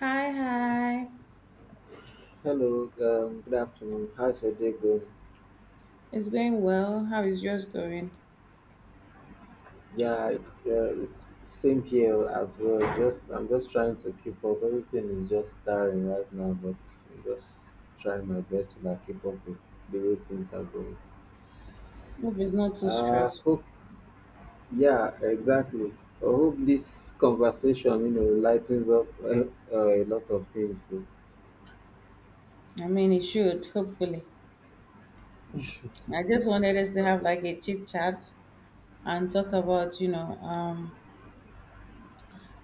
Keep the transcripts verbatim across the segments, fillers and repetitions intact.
Hi, hi. Hello, um, good afternoon. How's your day going? It's going well. How is yours going? Yeah, it's, uh, it's same here as well. Just I'm just trying to keep up. Everything is just starting right now, but I'm just trying my best to like keep up with the way things are going. Hope it's not too Uh, stressful. hope Yeah, exactly. I hope this conversation, you know, lightens up uh, uh, a lot of things too. I mean, it should, hopefully. I just wanted us to have like a chit chat and talk about, you know, um,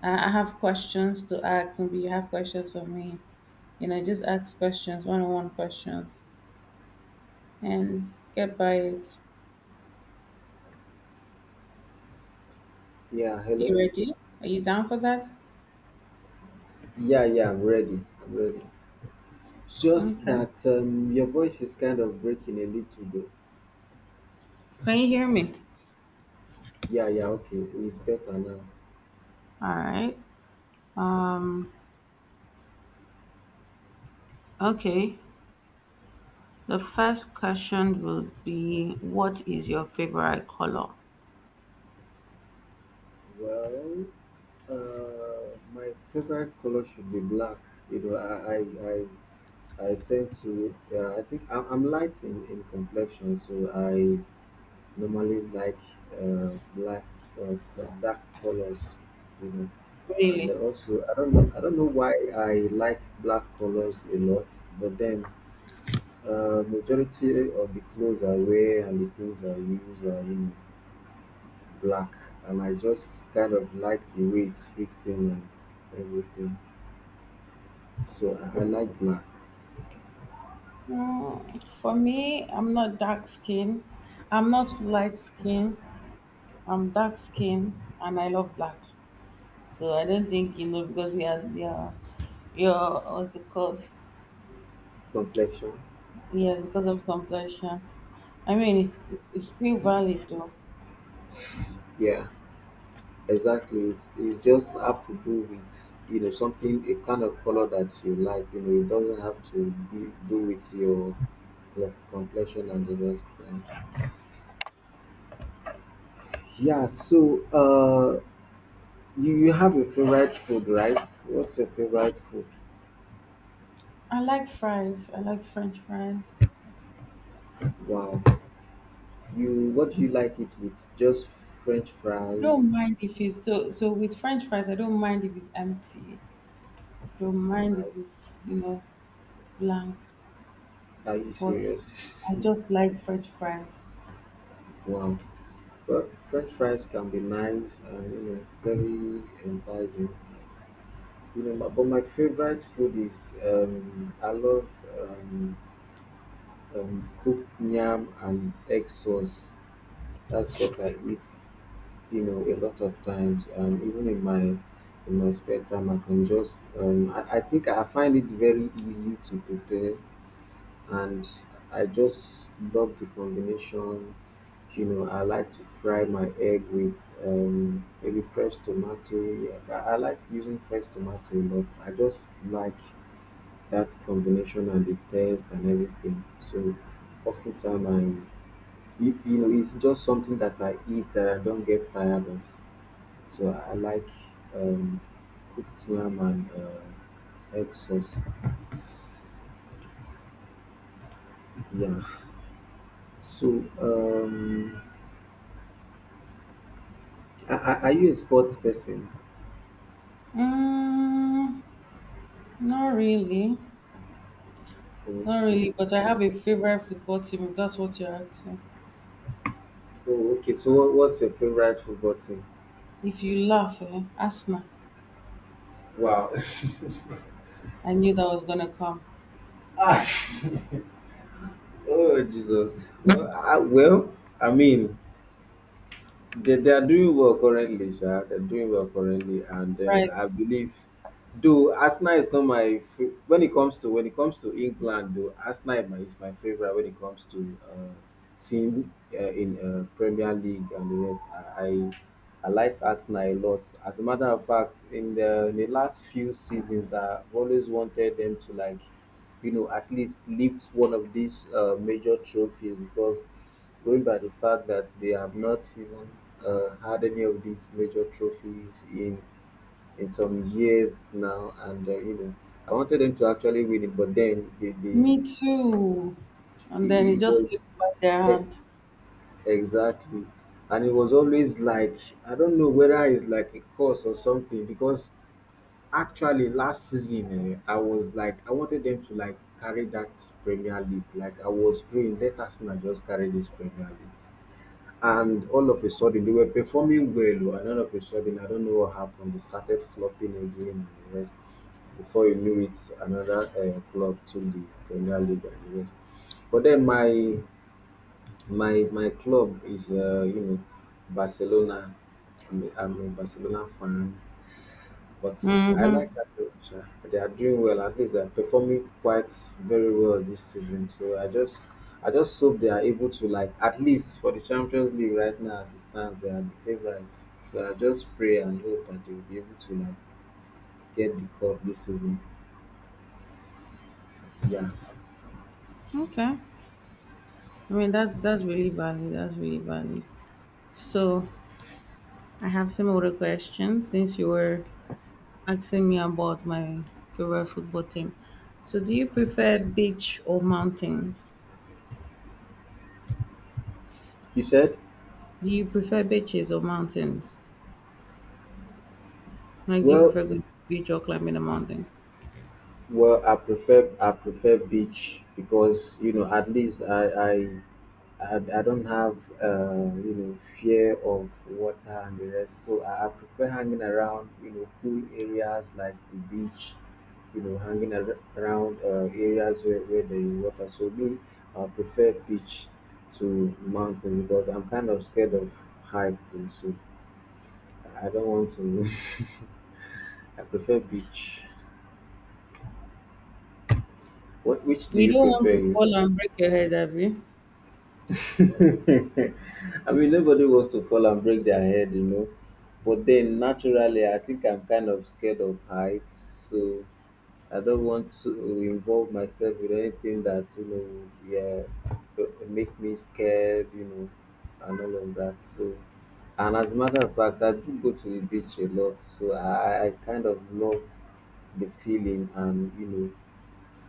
I I have questions to ask. Maybe you have questions for me. You know, just ask questions, one on one questions, and get by it. Yeah, You hello. ready? Are you down for that? Yeah, yeah, I'm ready. I'm ready. Just Okay. that um, your voice is kind of breaking a little bit. Can you hear me? Yeah, yeah, okay. It's better now. All right. Um, okay. The first question will be, what is your favorite color? Well, uh, my favorite color should be black. You know, I, I, I, I tend to. Yeah, I think I'm, I'm light in, in complexion, so I normally like uh, black or co- dark colors. You know, and Really? then also I don't know I don't know why I like black colors a lot, but then uh, majority of the clothes I wear and the things I use are you know black, and I just kind of like the way it fits in and everything. So I, I like black Mm, for me, I'm not dark skin. I'm not light skin. I'm dark skin, and I love black. So I don't think you know because you are your your what's it called? complexion. Yes, because of complexion. I mean, it's, it's still valid though. Yeah, exactly. It's, it just have to do with you know something, a kind of color that you like. You know, it doesn't have to be do with your like complexion and the rest. And yeah. So uh, you you have a favorite food, right? What's your favorite food? I like fries. I like French fries. Wow. You What do you like it with? Just French I don't fries. mind if it's so so with French fries. I don't mind if it's empty. Your mind is, it's you know blank, Are you but serious? I just like French fries. Wow. Well, French fries can be nice and you know very enticing. You know, but, but my favorite food is um, I love um, um, cooked yam and egg sauce. That's what I eat. You know, a lot of times, um, even in my in my spare time, I can just um, I, I think I find it very easy to prepare, and I just love the combination. You know, I like to fry my egg with um, maybe fresh tomato. Yeah, but I like using fresh tomato, but I just like that combination and the taste and everything. So, oftentimes I, you you know, it's just something that I eat that I don't get tired of. So I like um, cooked yam and uh, egg sauce. Yeah. So um, Are, are are you a sports person? Mm, not really, not Okay. really. But I have a favorite football team. If that's what you're asking. Oh, okay. So, what, what's your favorite football team? If you laugh, eh? Arsenal. Wow. I knew that was gonna come. Ah, oh, Jesus. Well I, well, I mean, They, they are doing well currently, sir. They're doing well currently, and then Right. I believe, though Arsenal is not my fa- when it comes to when it comes to England, though Arsenal is my, is my favorite when it comes to uh, team uh, in uh, Premier League and the rest. I, I I like Arsenal a lot. As a matter of fact, in the in the last few seasons, I've always wanted them to like you know, at least lift one of these uh, major trophies, because going by the fact that they have not even uh, had any of these major trophies in in some years now, and uh, you know, I wanted them to actually win it, but then the the Me too. it And then it it just was. slipped by their E- hand. Exactly. And it was always like, I don't know whether it's like a curse or something. Because actually, last season, eh, I was like, I wanted them to like carry that Premier League. Like, I was praying, let Arsenal just carry this Premier League. And all of a sudden, they were performing well, oh, and all of a sudden, I don't know what happened. They started flopping again and the rest. Before you knew it, another uh, club took the Premier League and the rest. But then my my my club is uh, you know Barcelona. I'm a, I'm a Barcelona fan, but I Mm-hmm. like Arsenal. They are doing well. At least they are performing quite very well this season. So I just I just hope they are able to like at least for the Champions League, right now as it stands they are the favourites. So I just pray and hope that they will be able to like get the cup this season. Yeah. Okay. I mean that that's really valid. That's really valid. So I have some other questions since you were asking me about my favorite football team. So, do you prefer beach or mountains? You said, Do you prefer beaches or mountains? Like, do you well prefer going to the beach or climbing a mountain? well I prefer I prefer beach, because you know at least I I I, I don't have uh, you know fear of water and the rest, so I, I prefer hanging around you know cool areas like the beach, you know hanging ar- around uh, areas where, where there is water. So me, I prefer beach to mountain because I'm kind of scared of heights though, so I don't want to. I prefer beach. What Which do You you don't want prefer? to You? fall and break your head, have you? I mean, nobody wants to fall and break their head, you know. But then, naturally, I think I'm kind of scared of heights, so I don't want to involve myself with anything that you know, yeah, b- make me scared, you know, and all of that. So, and as a matter of fact, I do go to the beach a lot, so I, I kind of love the feeling, and you know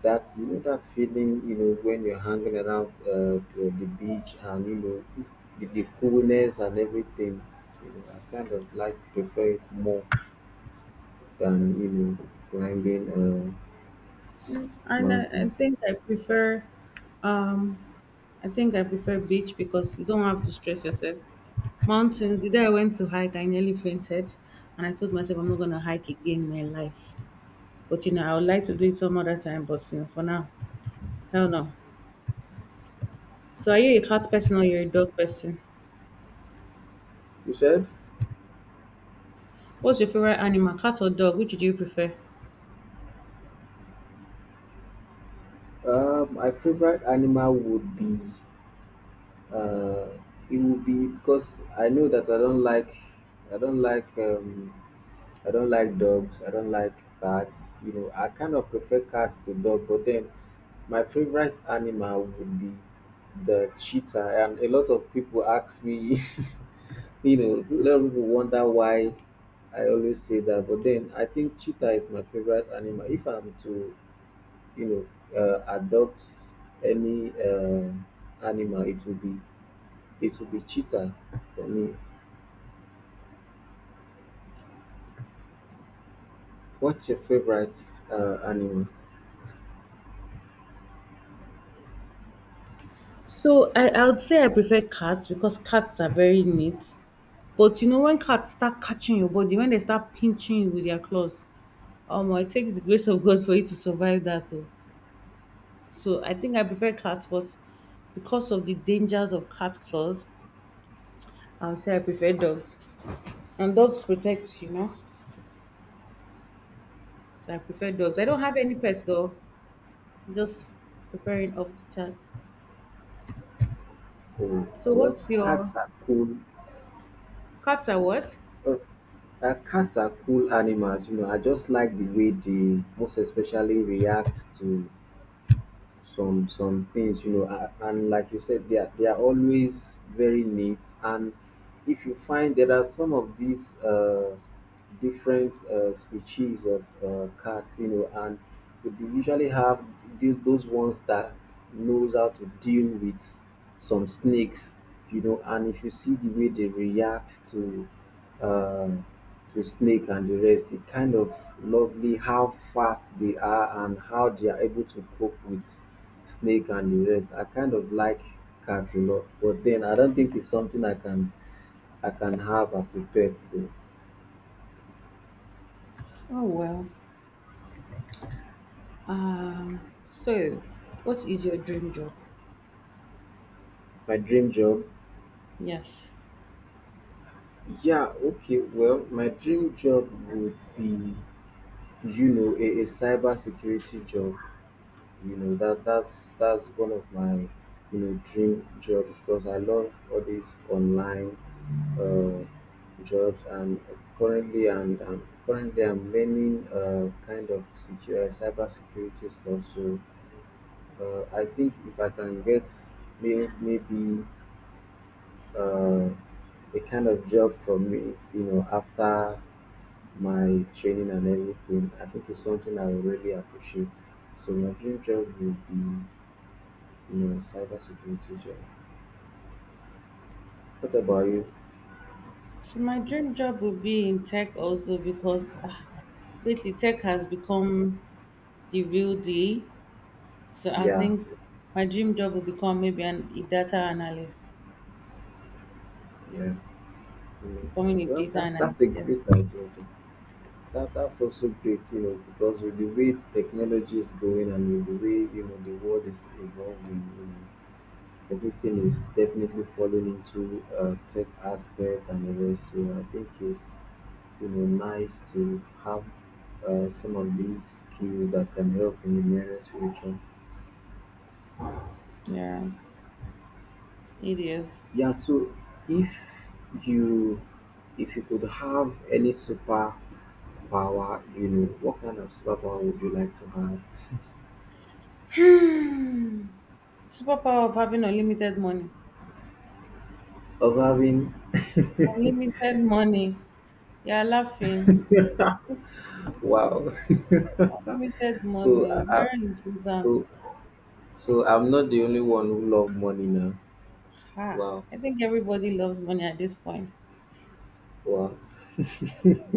that, you know that feeling, you know when you're hanging around uh, the the beach, and you know the, the coolness and everything. You know I kind of like prefer it more than you know climbing uh, Mm, and I, I mountains. think I prefer, um, I think I prefer beach because you don't have to stress yourself. Mountains. The day I went to hike, I nearly fainted, and I told myself I'm not gonna hike again in my life. But you know, I would like to do it some other time. But you know, for now, hell no. So are you a cat person or you're a dog person? You said, What's your favorite animal, cat or dog? Which do you prefer? uh, my favorite animal would be uh, it would be because I know that i don't like i don't like um, I don't like dogs. I don't like cats. You know, I kind of prefer cats to dog, but then my favorite animal would be the cheetah. And a lot of people ask me, you know, a lot of people wonder why I always say that. But then I think cheetah is my favorite animal. If I'm to, you know, uh, adopt any uh, animal, it will be it will be cheetah for me. What's your favorite uh, animal? So I, I would say I prefer cats because cats are very neat. But you know when cats start catching your body, when they start pinching you with their claws, um, it takes the grace of God for you to survive that though. So I think I prefer cats, but because of the dangers of cat claws, I would say I prefer dogs. And dogs protect, you know. So I prefer dogs. I don't have any pets though. I'm just preferring off the chat. Oh, So well, what's cats your are cool. Cats are what? Uh, uh, Cats are cool animals. You know, I just like the way they most especially react to some some things. You know, a- and like you said, they are they are always very neat, and if you find there are some of these uh, different uh, species of uh, cats, you know, and we usually have th- those ones that knows how to deal with some snakes, you know, and if you see the way they react to uh to snake and the rest, it kind of lovely how fast they are and how they are able to cope with snake and the rest. I kind of like cats a lot, but then I don't think it's something I can I can have as a pet though. Oh well. Um so what is your dream job? My dream job? Yes. Yeah, okay. Well, my dream job would be, you know, a, a cyber security job. You know, that that's that's one of my, you know, dream job because I love all these online uh, jobs, and currently and um, currently I'm learning uh, kind of secure uh, cyber security stuff. So uh, I think if I can get may, maybe uh, a kind of job for me. It's, you know, after my training and everything, I think it's something I would really appreciate. So my dream job would be, you know, cybersecurity job. What about you? So my dream job would be in tech also because ah, lately tech has become the real deal. So I Yeah, think my dream job will become maybe an, a data analyst, yeah. you know, uh, becoming a Well, data that's that's a analyst. Yes. great idea, though. That that's also great, you know, because with the way technology is going, and with the way you know the world is evolving, you know, everything is definitely falling into a tech aspect and the rest. So I think it's you know nice to have uh, some of these skills that can help in the nearest future. Yeah, it is. Yeah, so if you if you could have any super power, you know what kind of superpower would you like to have? Superpower of having unlimited money. Of having. Unlimited money. Yeah, laughing. Wow. Unlimited So money. I, oh, I, Very important. so so I'm not the only one who love money now. Ah, Wow. I think everybody loves money at this point. Wow.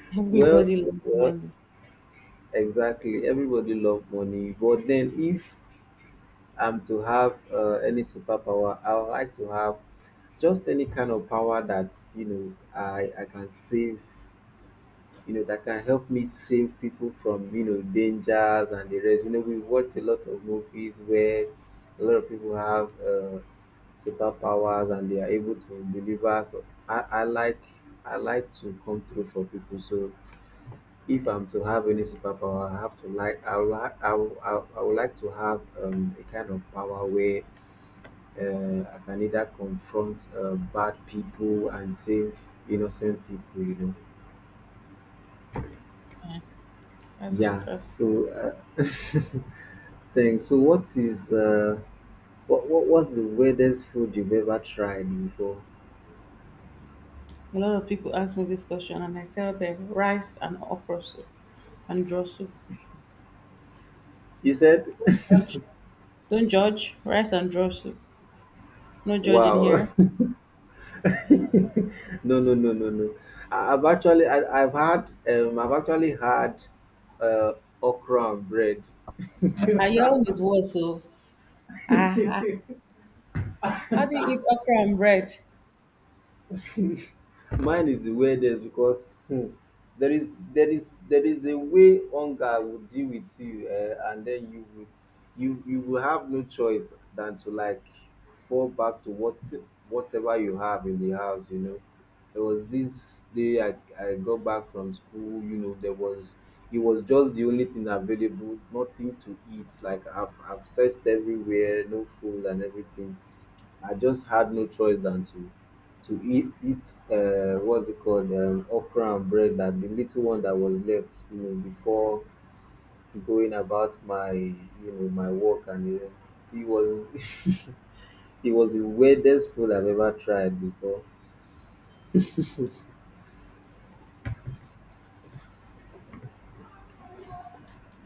Well, Everybody loves well money. exactly, everybody love money. But then if um to have uh, any superpower, I would like to have just any kind of power that, you know I I can save, you know, that can help me save people from you know dangers and the rest. You know, we watch a lot of movies where a lot of people have uh, superpowers and they are able to deliver. So I I like I like to come through for people. So if I'm to have any superpower, I have to like I would like I would, I would I would like to have um, a kind of power where uh, I can either confront uh, bad people and save innocent people, you know. That's Yeah, interesting. so uh, thanks. So what is uh what, what what's the weirdest food you've ever tried before? A lot of people ask me this question, and I tell them rice and okra soup and draw soup. You said. Don't judge. Don't judge. Rice and draw soup. No judging Wow. here. No, no, no, no, no. I, I've actually I, I've had um I've actually had uh okra and bread. Are your own is what so? Ah, ah. How do you eat okra and bread? Mine is the weirdest because Hmm. there is there is there is a way hunger will deal with you, uh, and then you will you you will have no choice than to, like, fall back to what whatever you have in the house, you know. There was this day i i got back from school, you know. There was, it was just the only thing available, nothing to eat. Like, i've i've searched everywhere, no food and everything. I just had no choice than to to eat eat uh, what's it called um, okra and bread, that the little one that was left, you know, before going about my, you know, my work and the rest. It was it was the weirdest food I've ever tried before.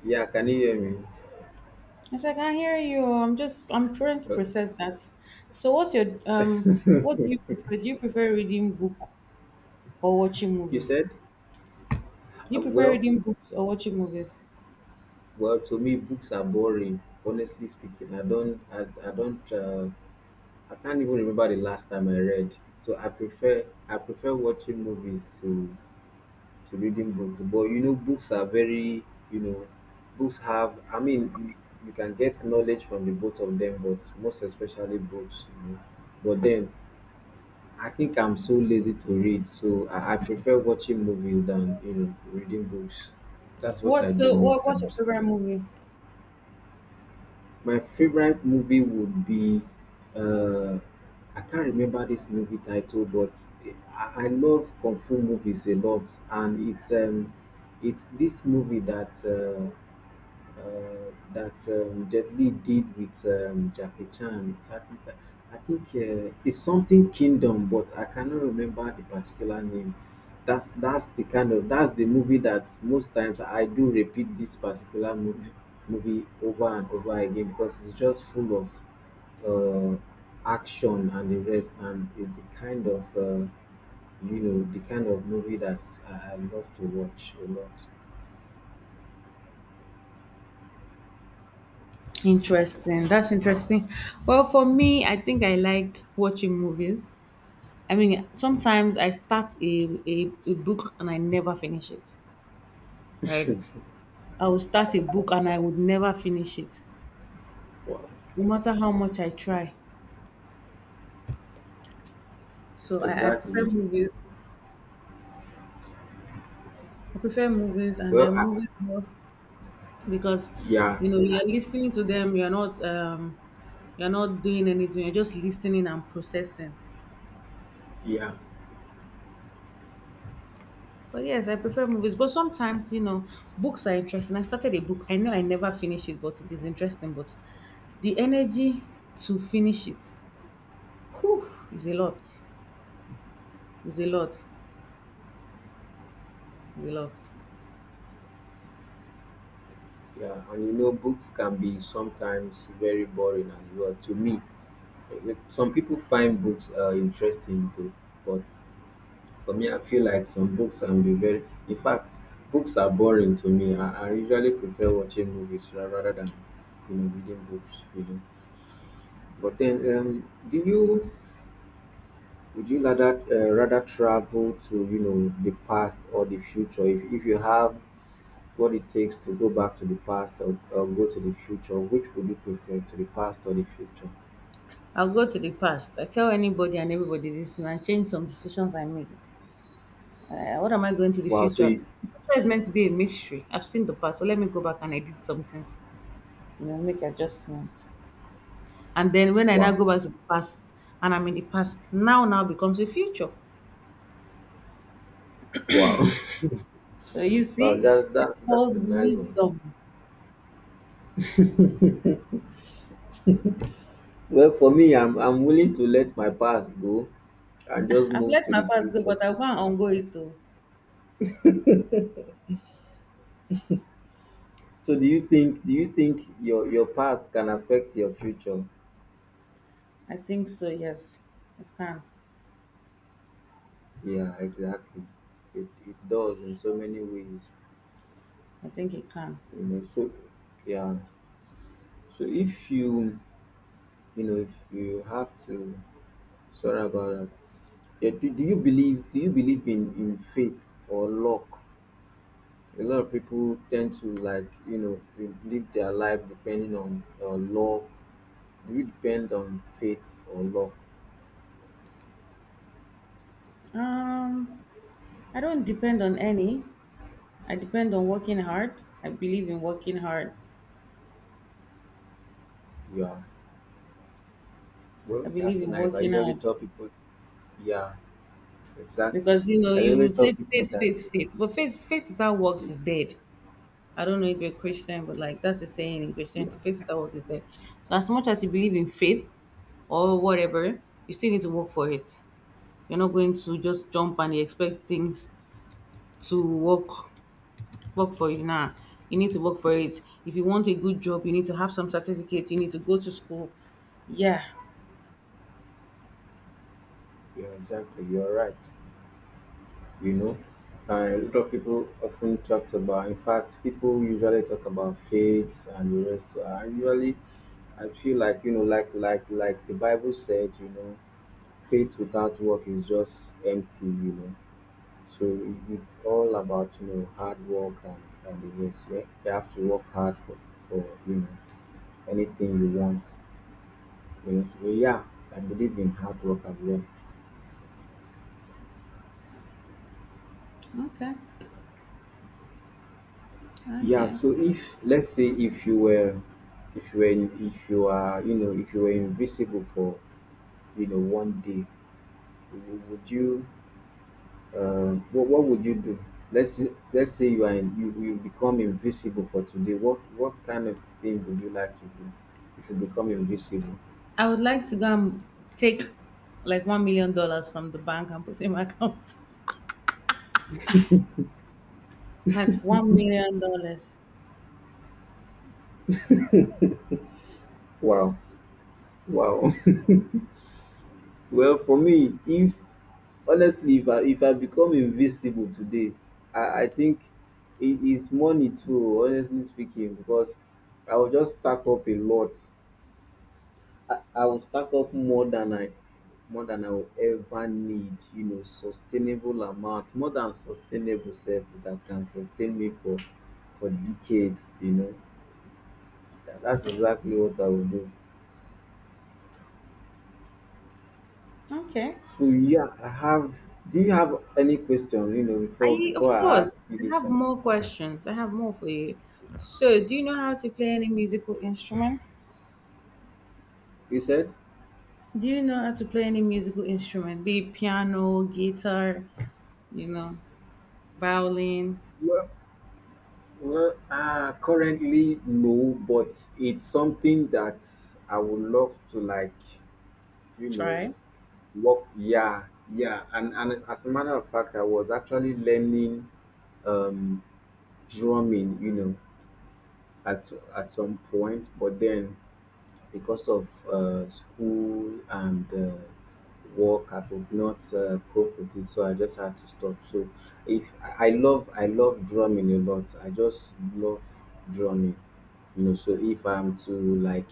Yeah, can you hear me? It's like I hear you. I'm just I'm trying to Well, process that. So what's your um? What do you prefer? Do you prefer reading book or watching you movies? said. Do Uh, you prefer well reading books or watching movies? well, to me, books are boring. Honestly speaking, I don't I, I don't, uh, I can't even remember the last time I read. So I prefer I prefer watching movies to to reading books. But, you know, books are very, you know, books have, I mean, you, you can get knowledge from the both of them, but most especially books, you know. But then I think I'm so lazy to read, so I, I prefer watching movies than, you know, reading books. That's what I What do uh, most what what's your times. favorite movie? My favorite movie would be, uh, I can't remember this movie title, but I, I love kung fu movies a lot, and it's, um, it's this movie that. Uh, uh, that, um, Jet Li did with, um, Jackie Chan. Certain ti- I think, uh, it's something Kingdom, but I cannot remember the particular name. That's that's the kind of that's the movie that most times I do repeat this particular movie movie over and over again, because it's just full of, uh, action and the rest, and it's the kind of, uh, you know, the kind of movie that I, I love to watch a lot. Interesting. That's interesting. Well, for me, I think I like watching movies. I mean, sometimes I start a, a, a book and I never finish it, right? I will start a book and I would never finish it, Wow, no matter how much I try. So I, I prefer exactly. movies. I prefer movies and Well, then I, movies more because yeah, you know you're listening to them. You're not um you're not doing anything. You're just listening and processing. yeah, But yes, I prefer movies. But sometimes, you know, books are interesting. I started a book. I know I never finish it, but it is interesting. But the energy to finish it, whew, is a lot. Is a lot. Is a lot. yeah. And you know, books can be sometimes very boring as well. To me, eh, eh, some people find books, uh, interesting too, but for me, I feel like some books can be very. In fact, books are boring to me. I, I usually prefer watching movies ra- rather than, you know, reading books. You know, but then, um, do you? Would you rather, uh, rather travel to, you know, the past or the future? if, if you have what it takes to go back to the past, or, or go to the future, which would you prefer, to the past or the future? I'll go to the past. I tell anybody and everybody this, and I change some decisions I made. Uh, what am I going to the Wow, so future? you, The future is meant to be a mystery. I've seen the past, so let me go back and edit some things. You know, make adjustments. And then when I now wow, go back to the past, and I'm in the past, now now becomes the future. wow, So you wow, see, that, that it's that's called a nice one. wisdom. Well, for me, i'm i'm willing to let my past go and just I've move let to my the past go, future. but I want on go it too. So do you think do you think your your past can affect your future? I think so. Yes, it can. Yeah, exactly, it, it does in so many ways, I think it can. you know. So yeah, so if you, you know, if you have to, sorry about that. Yeah, do, do you believe do you believe in in faith or luck? A lot of people tend to, like, you know, they live their life depending on, uh, luck. Do you depend on faith or luck? Um, I don't depend on any. I depend on working hard. I believe in working hard. Yeah, I well, believe that's in nice. I working usually hard tell people, yeah, exactly. because you know I you usually would tell say people faith, that, faith, you know, faith, but faith, faith without works is dead. I don't know if you're a Christian, but like that's a saying in yeah, Christianity: faith without works is dead. So as much as you believe in faith, or whatever, you still need to work for it. You're not going to just jump and expect things to work work for you now. You need to work for it. If you want a good job, you need to have some certificate. You need to go to school. Yeah. yeah, exactly. You're right. You know, uh, a lot of people often talk about. In fact, people usually talk about faith and the rest. I usually, I feel like, you know, like like like the Bible said, you know, faith without work is just empty, you know. So it- it's all about, you know, hard work and and the rest. Yeah, you have to work hard for for you know, anything you want. You know, so yeah, I believe in hard work as well. Okay. Yeah. Okay. So if, let's say, if you were if you were in- if you are, you know, if you were invisible for, you know, one day, w- would you, uh, what what would you do? Let's say, let's say you are in, you you become invisible for today. What what kind of thing would you like to do if you become invisible? I would like to go and take like one million dollars from the bank and put it in my account. Like one million dollars. Wow, wow. Well, for me, if, honestly, if I if I become invisible today, I I think it is money too. Honestly speaking, because I will just stack up a lot, I, I will stack up more than I more than I will ever need, you know, sustainable amount, more than sustainable self that can sustain me for for decades, you know. That, that's exactly what I will do. Okay. So yeah, I have, do you have any question, you know, before I before of I ask course you I this have one? more questions. I have more for you. So do you know how to play any musical instrument? You said? Do you know how to play any musical instrument? Be it piano, guitar, you know, violin. Well, well, uh, currently no, but it's something that I would love to like, you know. Try. Work, yeah, yeah, and and as a matter of fact, I was actually learning, um, drumming, you know, at at some point, but then because of, uh, school and, uh, work, I could not, uh, cope with it, so I just had to stop. So, if I I love, I love drumming a lot. I just love drumming, you know. So if I'm to like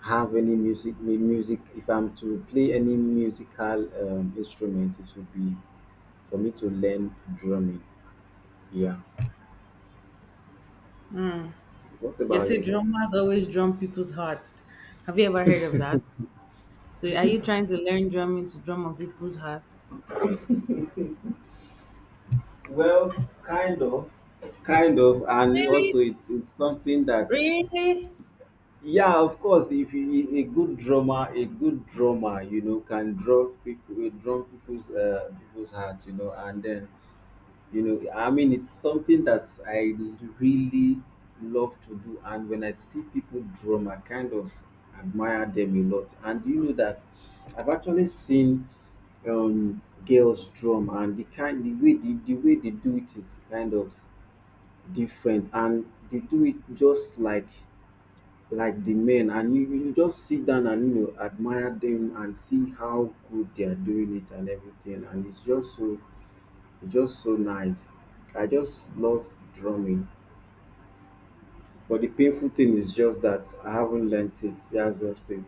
have any music mu- music, if I'm to play any musical um, instrument, it would be for me to learn drumming. Yeah, what You about say you? drummers always drum people's hearts. Have you ever heard of that? So are you trying to learn drumming to drum on people's hearts? Well, kind of. Kind of, and also Really? it's it's something that, Really? yeah, of course, if you, a a good drummer, a good drummer you know, can draw people will draw people's, uh people's hearts, you know. And then, you know, I mean, it's something that I really love to do, and when I see people drum I kind of admire them a lot. And you know that I've actually seen, um girls drum, and the kind the way the, the way they do it is kind of different, and they do it just like like the men. And you, you just sit down and, you know, admire them and see how good they are doing it and everything, and it's just so, it's just so nice. I just love drumming. But the painful thing is just that I haven't learnt it. That's just it.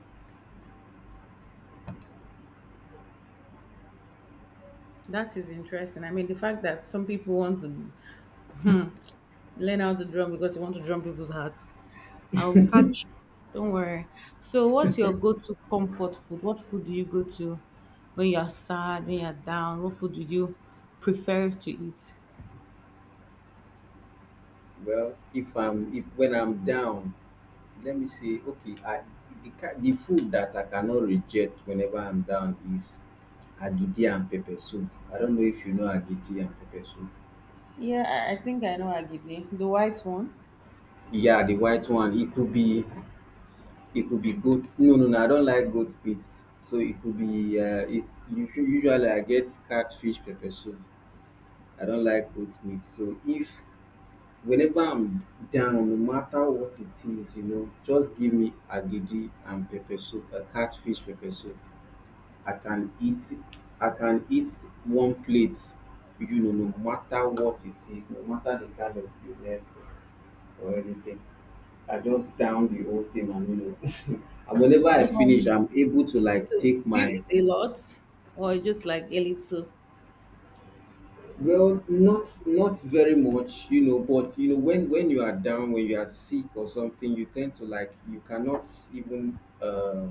That is interesting. I mean, the fact that some people want to learn how to drum because they want to drum people's hearts. I'll catch you. Don't worry. So, what's your go-to comfort food? What food do you go to when you're sad, when you're down? What food do you prefer to eat? Well, if I'm, if when I'm down, let me say, okay, I, the ki- the food that I cannot reject whenever I'm down is agidi and pepper soup. I don't know if you know agidi and pepper soup. Yeah, I, I think I know agidi, the white one. Yeah, the white one. It could be, it could be goat. No, no, no. I don't like goat meat. So it could be. Uh, it's usu- usually I get catfish pepper soup. I don't like goat meat. So if, whenever I'm down, no matter what it is, you know, just give me agidi and pepper soup, a catfish pepper soup. I can eat I can eat one plate, you know, no matter what it is, no matter the kind of illness or anything. I just down the whole thing, and you know, and whenever Are I you finish one? I'm able to like So, take do you my, eat a lot or just like a little? well, not not very much, you know. But you know, when when you are down, when you are sick or something, you tend to like, you cannot even, uh,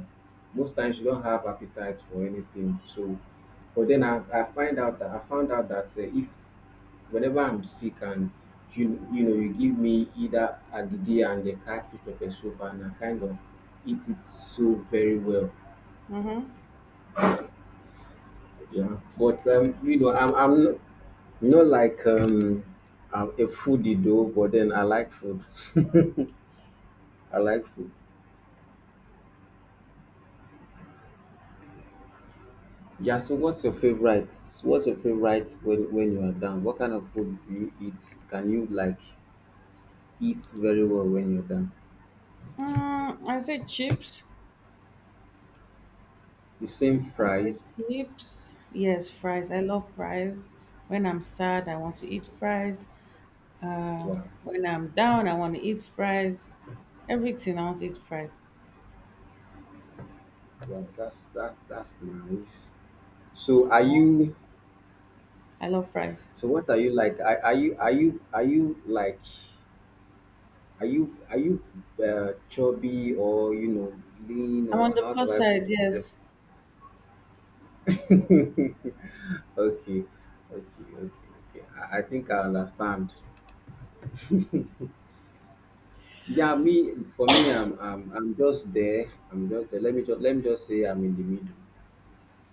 most times you don't have appetite for anything. So, but then I, I find out that I found out that, uh, if, whenever I'm sick and you you know, you give me either agidi and the catfish pepper soup, and I kind of eat it so very well. Mm-hmm. Yeah, but um, you know, I'm I'm not, not like, um, I'm a foodie though, but then I like food. I like food. Yeah, so what's your favorite? What's your favorite when when you are down? What kind of food do you eat? Can you like eat very well when you're down? Mm, I say chips. The same, I say fries. chips. Yes, fries. I love fries. When I'm sad, I want to eat fries. Wow, When I'm down, I want to eat fries. Everything, I want to eat fries. wow, that's that's that's nice. So are you, I love fries. so what are you like? Are, are you are you are you like, are you are you, uh, chubby, or, you know, lean, I'm on or the how do plus I put side, it? yes. Okay, okay, okay, okay. I, I think I understand. Yeah, me, for me, I'm, I'm I'm just there. I'm just there. Let me just let me just say I'm in the middle.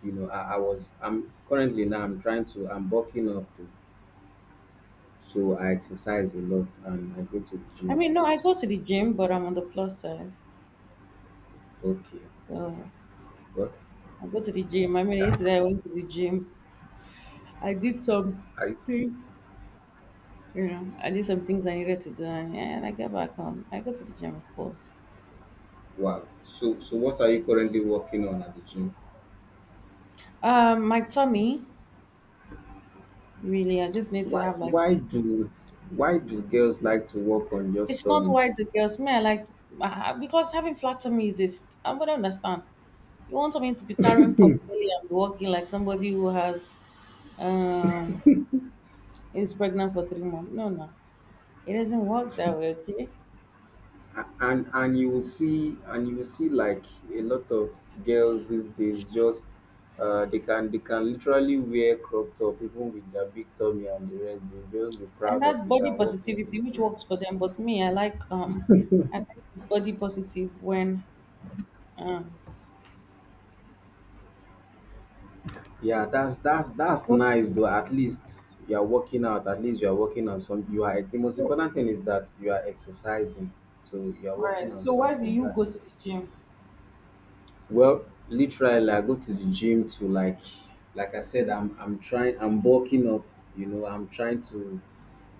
You know, I, I was I'm currently now I'm trying to, I'm bulking up to, so I exercise a lot and I go to the I gym mean, a no, I lot. go to the gym, but I'm on the plus side. Okay. So Well, I go to the gym. I mean, that's, yesterday I went to the gym. I did some I, thing, you know, I did some things I needed to do, and, yeah, and I get back home. I go to the gym, of course. wow. So so what are you currently working on at the gym? Um, my tummy, really, I just need to Why have like, why do why do girls like to work on just it's not tummy? why the girls, man, like, ah, because having flat tummy is this, I would understand. You want me to be carrying potbelly and walking like somebody who has um is pregnant for three months. No, no, it doesn't work that way. Okay, A- and and you will see, and you will see like a lot of girls these days just, uh, they can they can literally wear crop top even with their big tummy and the rest. They just be and proud of that's it body and walking in the positivity, which street. works for them. But me, I like um, I like body positive when um. Yeah, that's that's that's But nice though. At least you are working out. At least you are working on some, you are, the most so important thing is that you are exercising. So you are working right. on So why do something, you that's, go to the gym? well, literally, I go to the gym to, like, like I said, I'm I'm trying, I'm bulking up. You know, I'm trying to,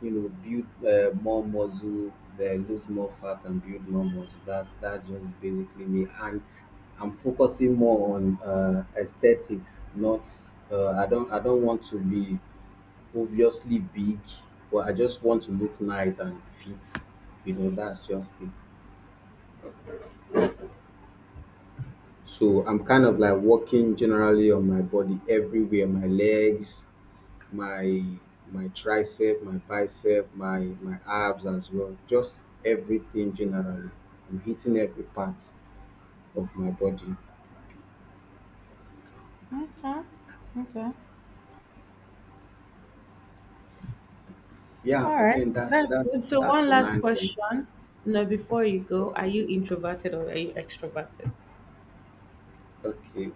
you know, build, uh, more muscle, uh, lose more fat, and build more muscle. That's that's just basically me. And I'm focusing more on, uh, aesthetics. Not, uh, I don't I don't want to be obviously big, but I just want to look nice and fit. You know, that's just it. So I'm kind of like working generally on my body everywhere, my legs, my my tricep, my bicep, my my abs as well. Just everything generally. I'm hitting every part of my body. Okay, okay, Yeah, all but right. then that's That's that's good. So that's one the last nice one. question. No, before you go, are you introverted or are you extroverted? Okay.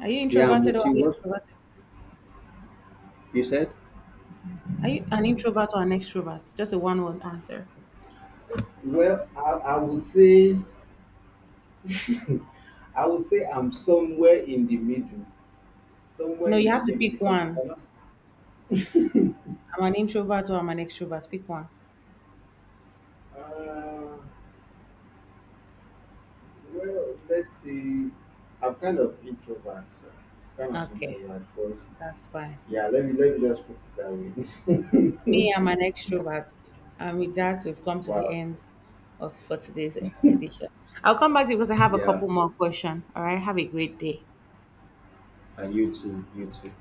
Are you Yeah, introverted or are Muchi, you what, extroverted? you said? Are you an introvert or an extrovert? Just a one word answer. Well, I, I would say, I would say I'm somewhere in the middle, somewhere No, in you the have to middle pick because I one. cannot. I'm an introvert or I'm an extrovert. Pick one. Uh, Well, let's see. I'm kind of introvert, so kind of Okay, introvert because, that's fine. yeah, let me let me just put it that way. Me, I'm an extrovert. And with that, we've come to the Wow. end of for today's edition. I'll come back to you because I have a Yeah, couple more questions. All right, have a great day. and you too, you too.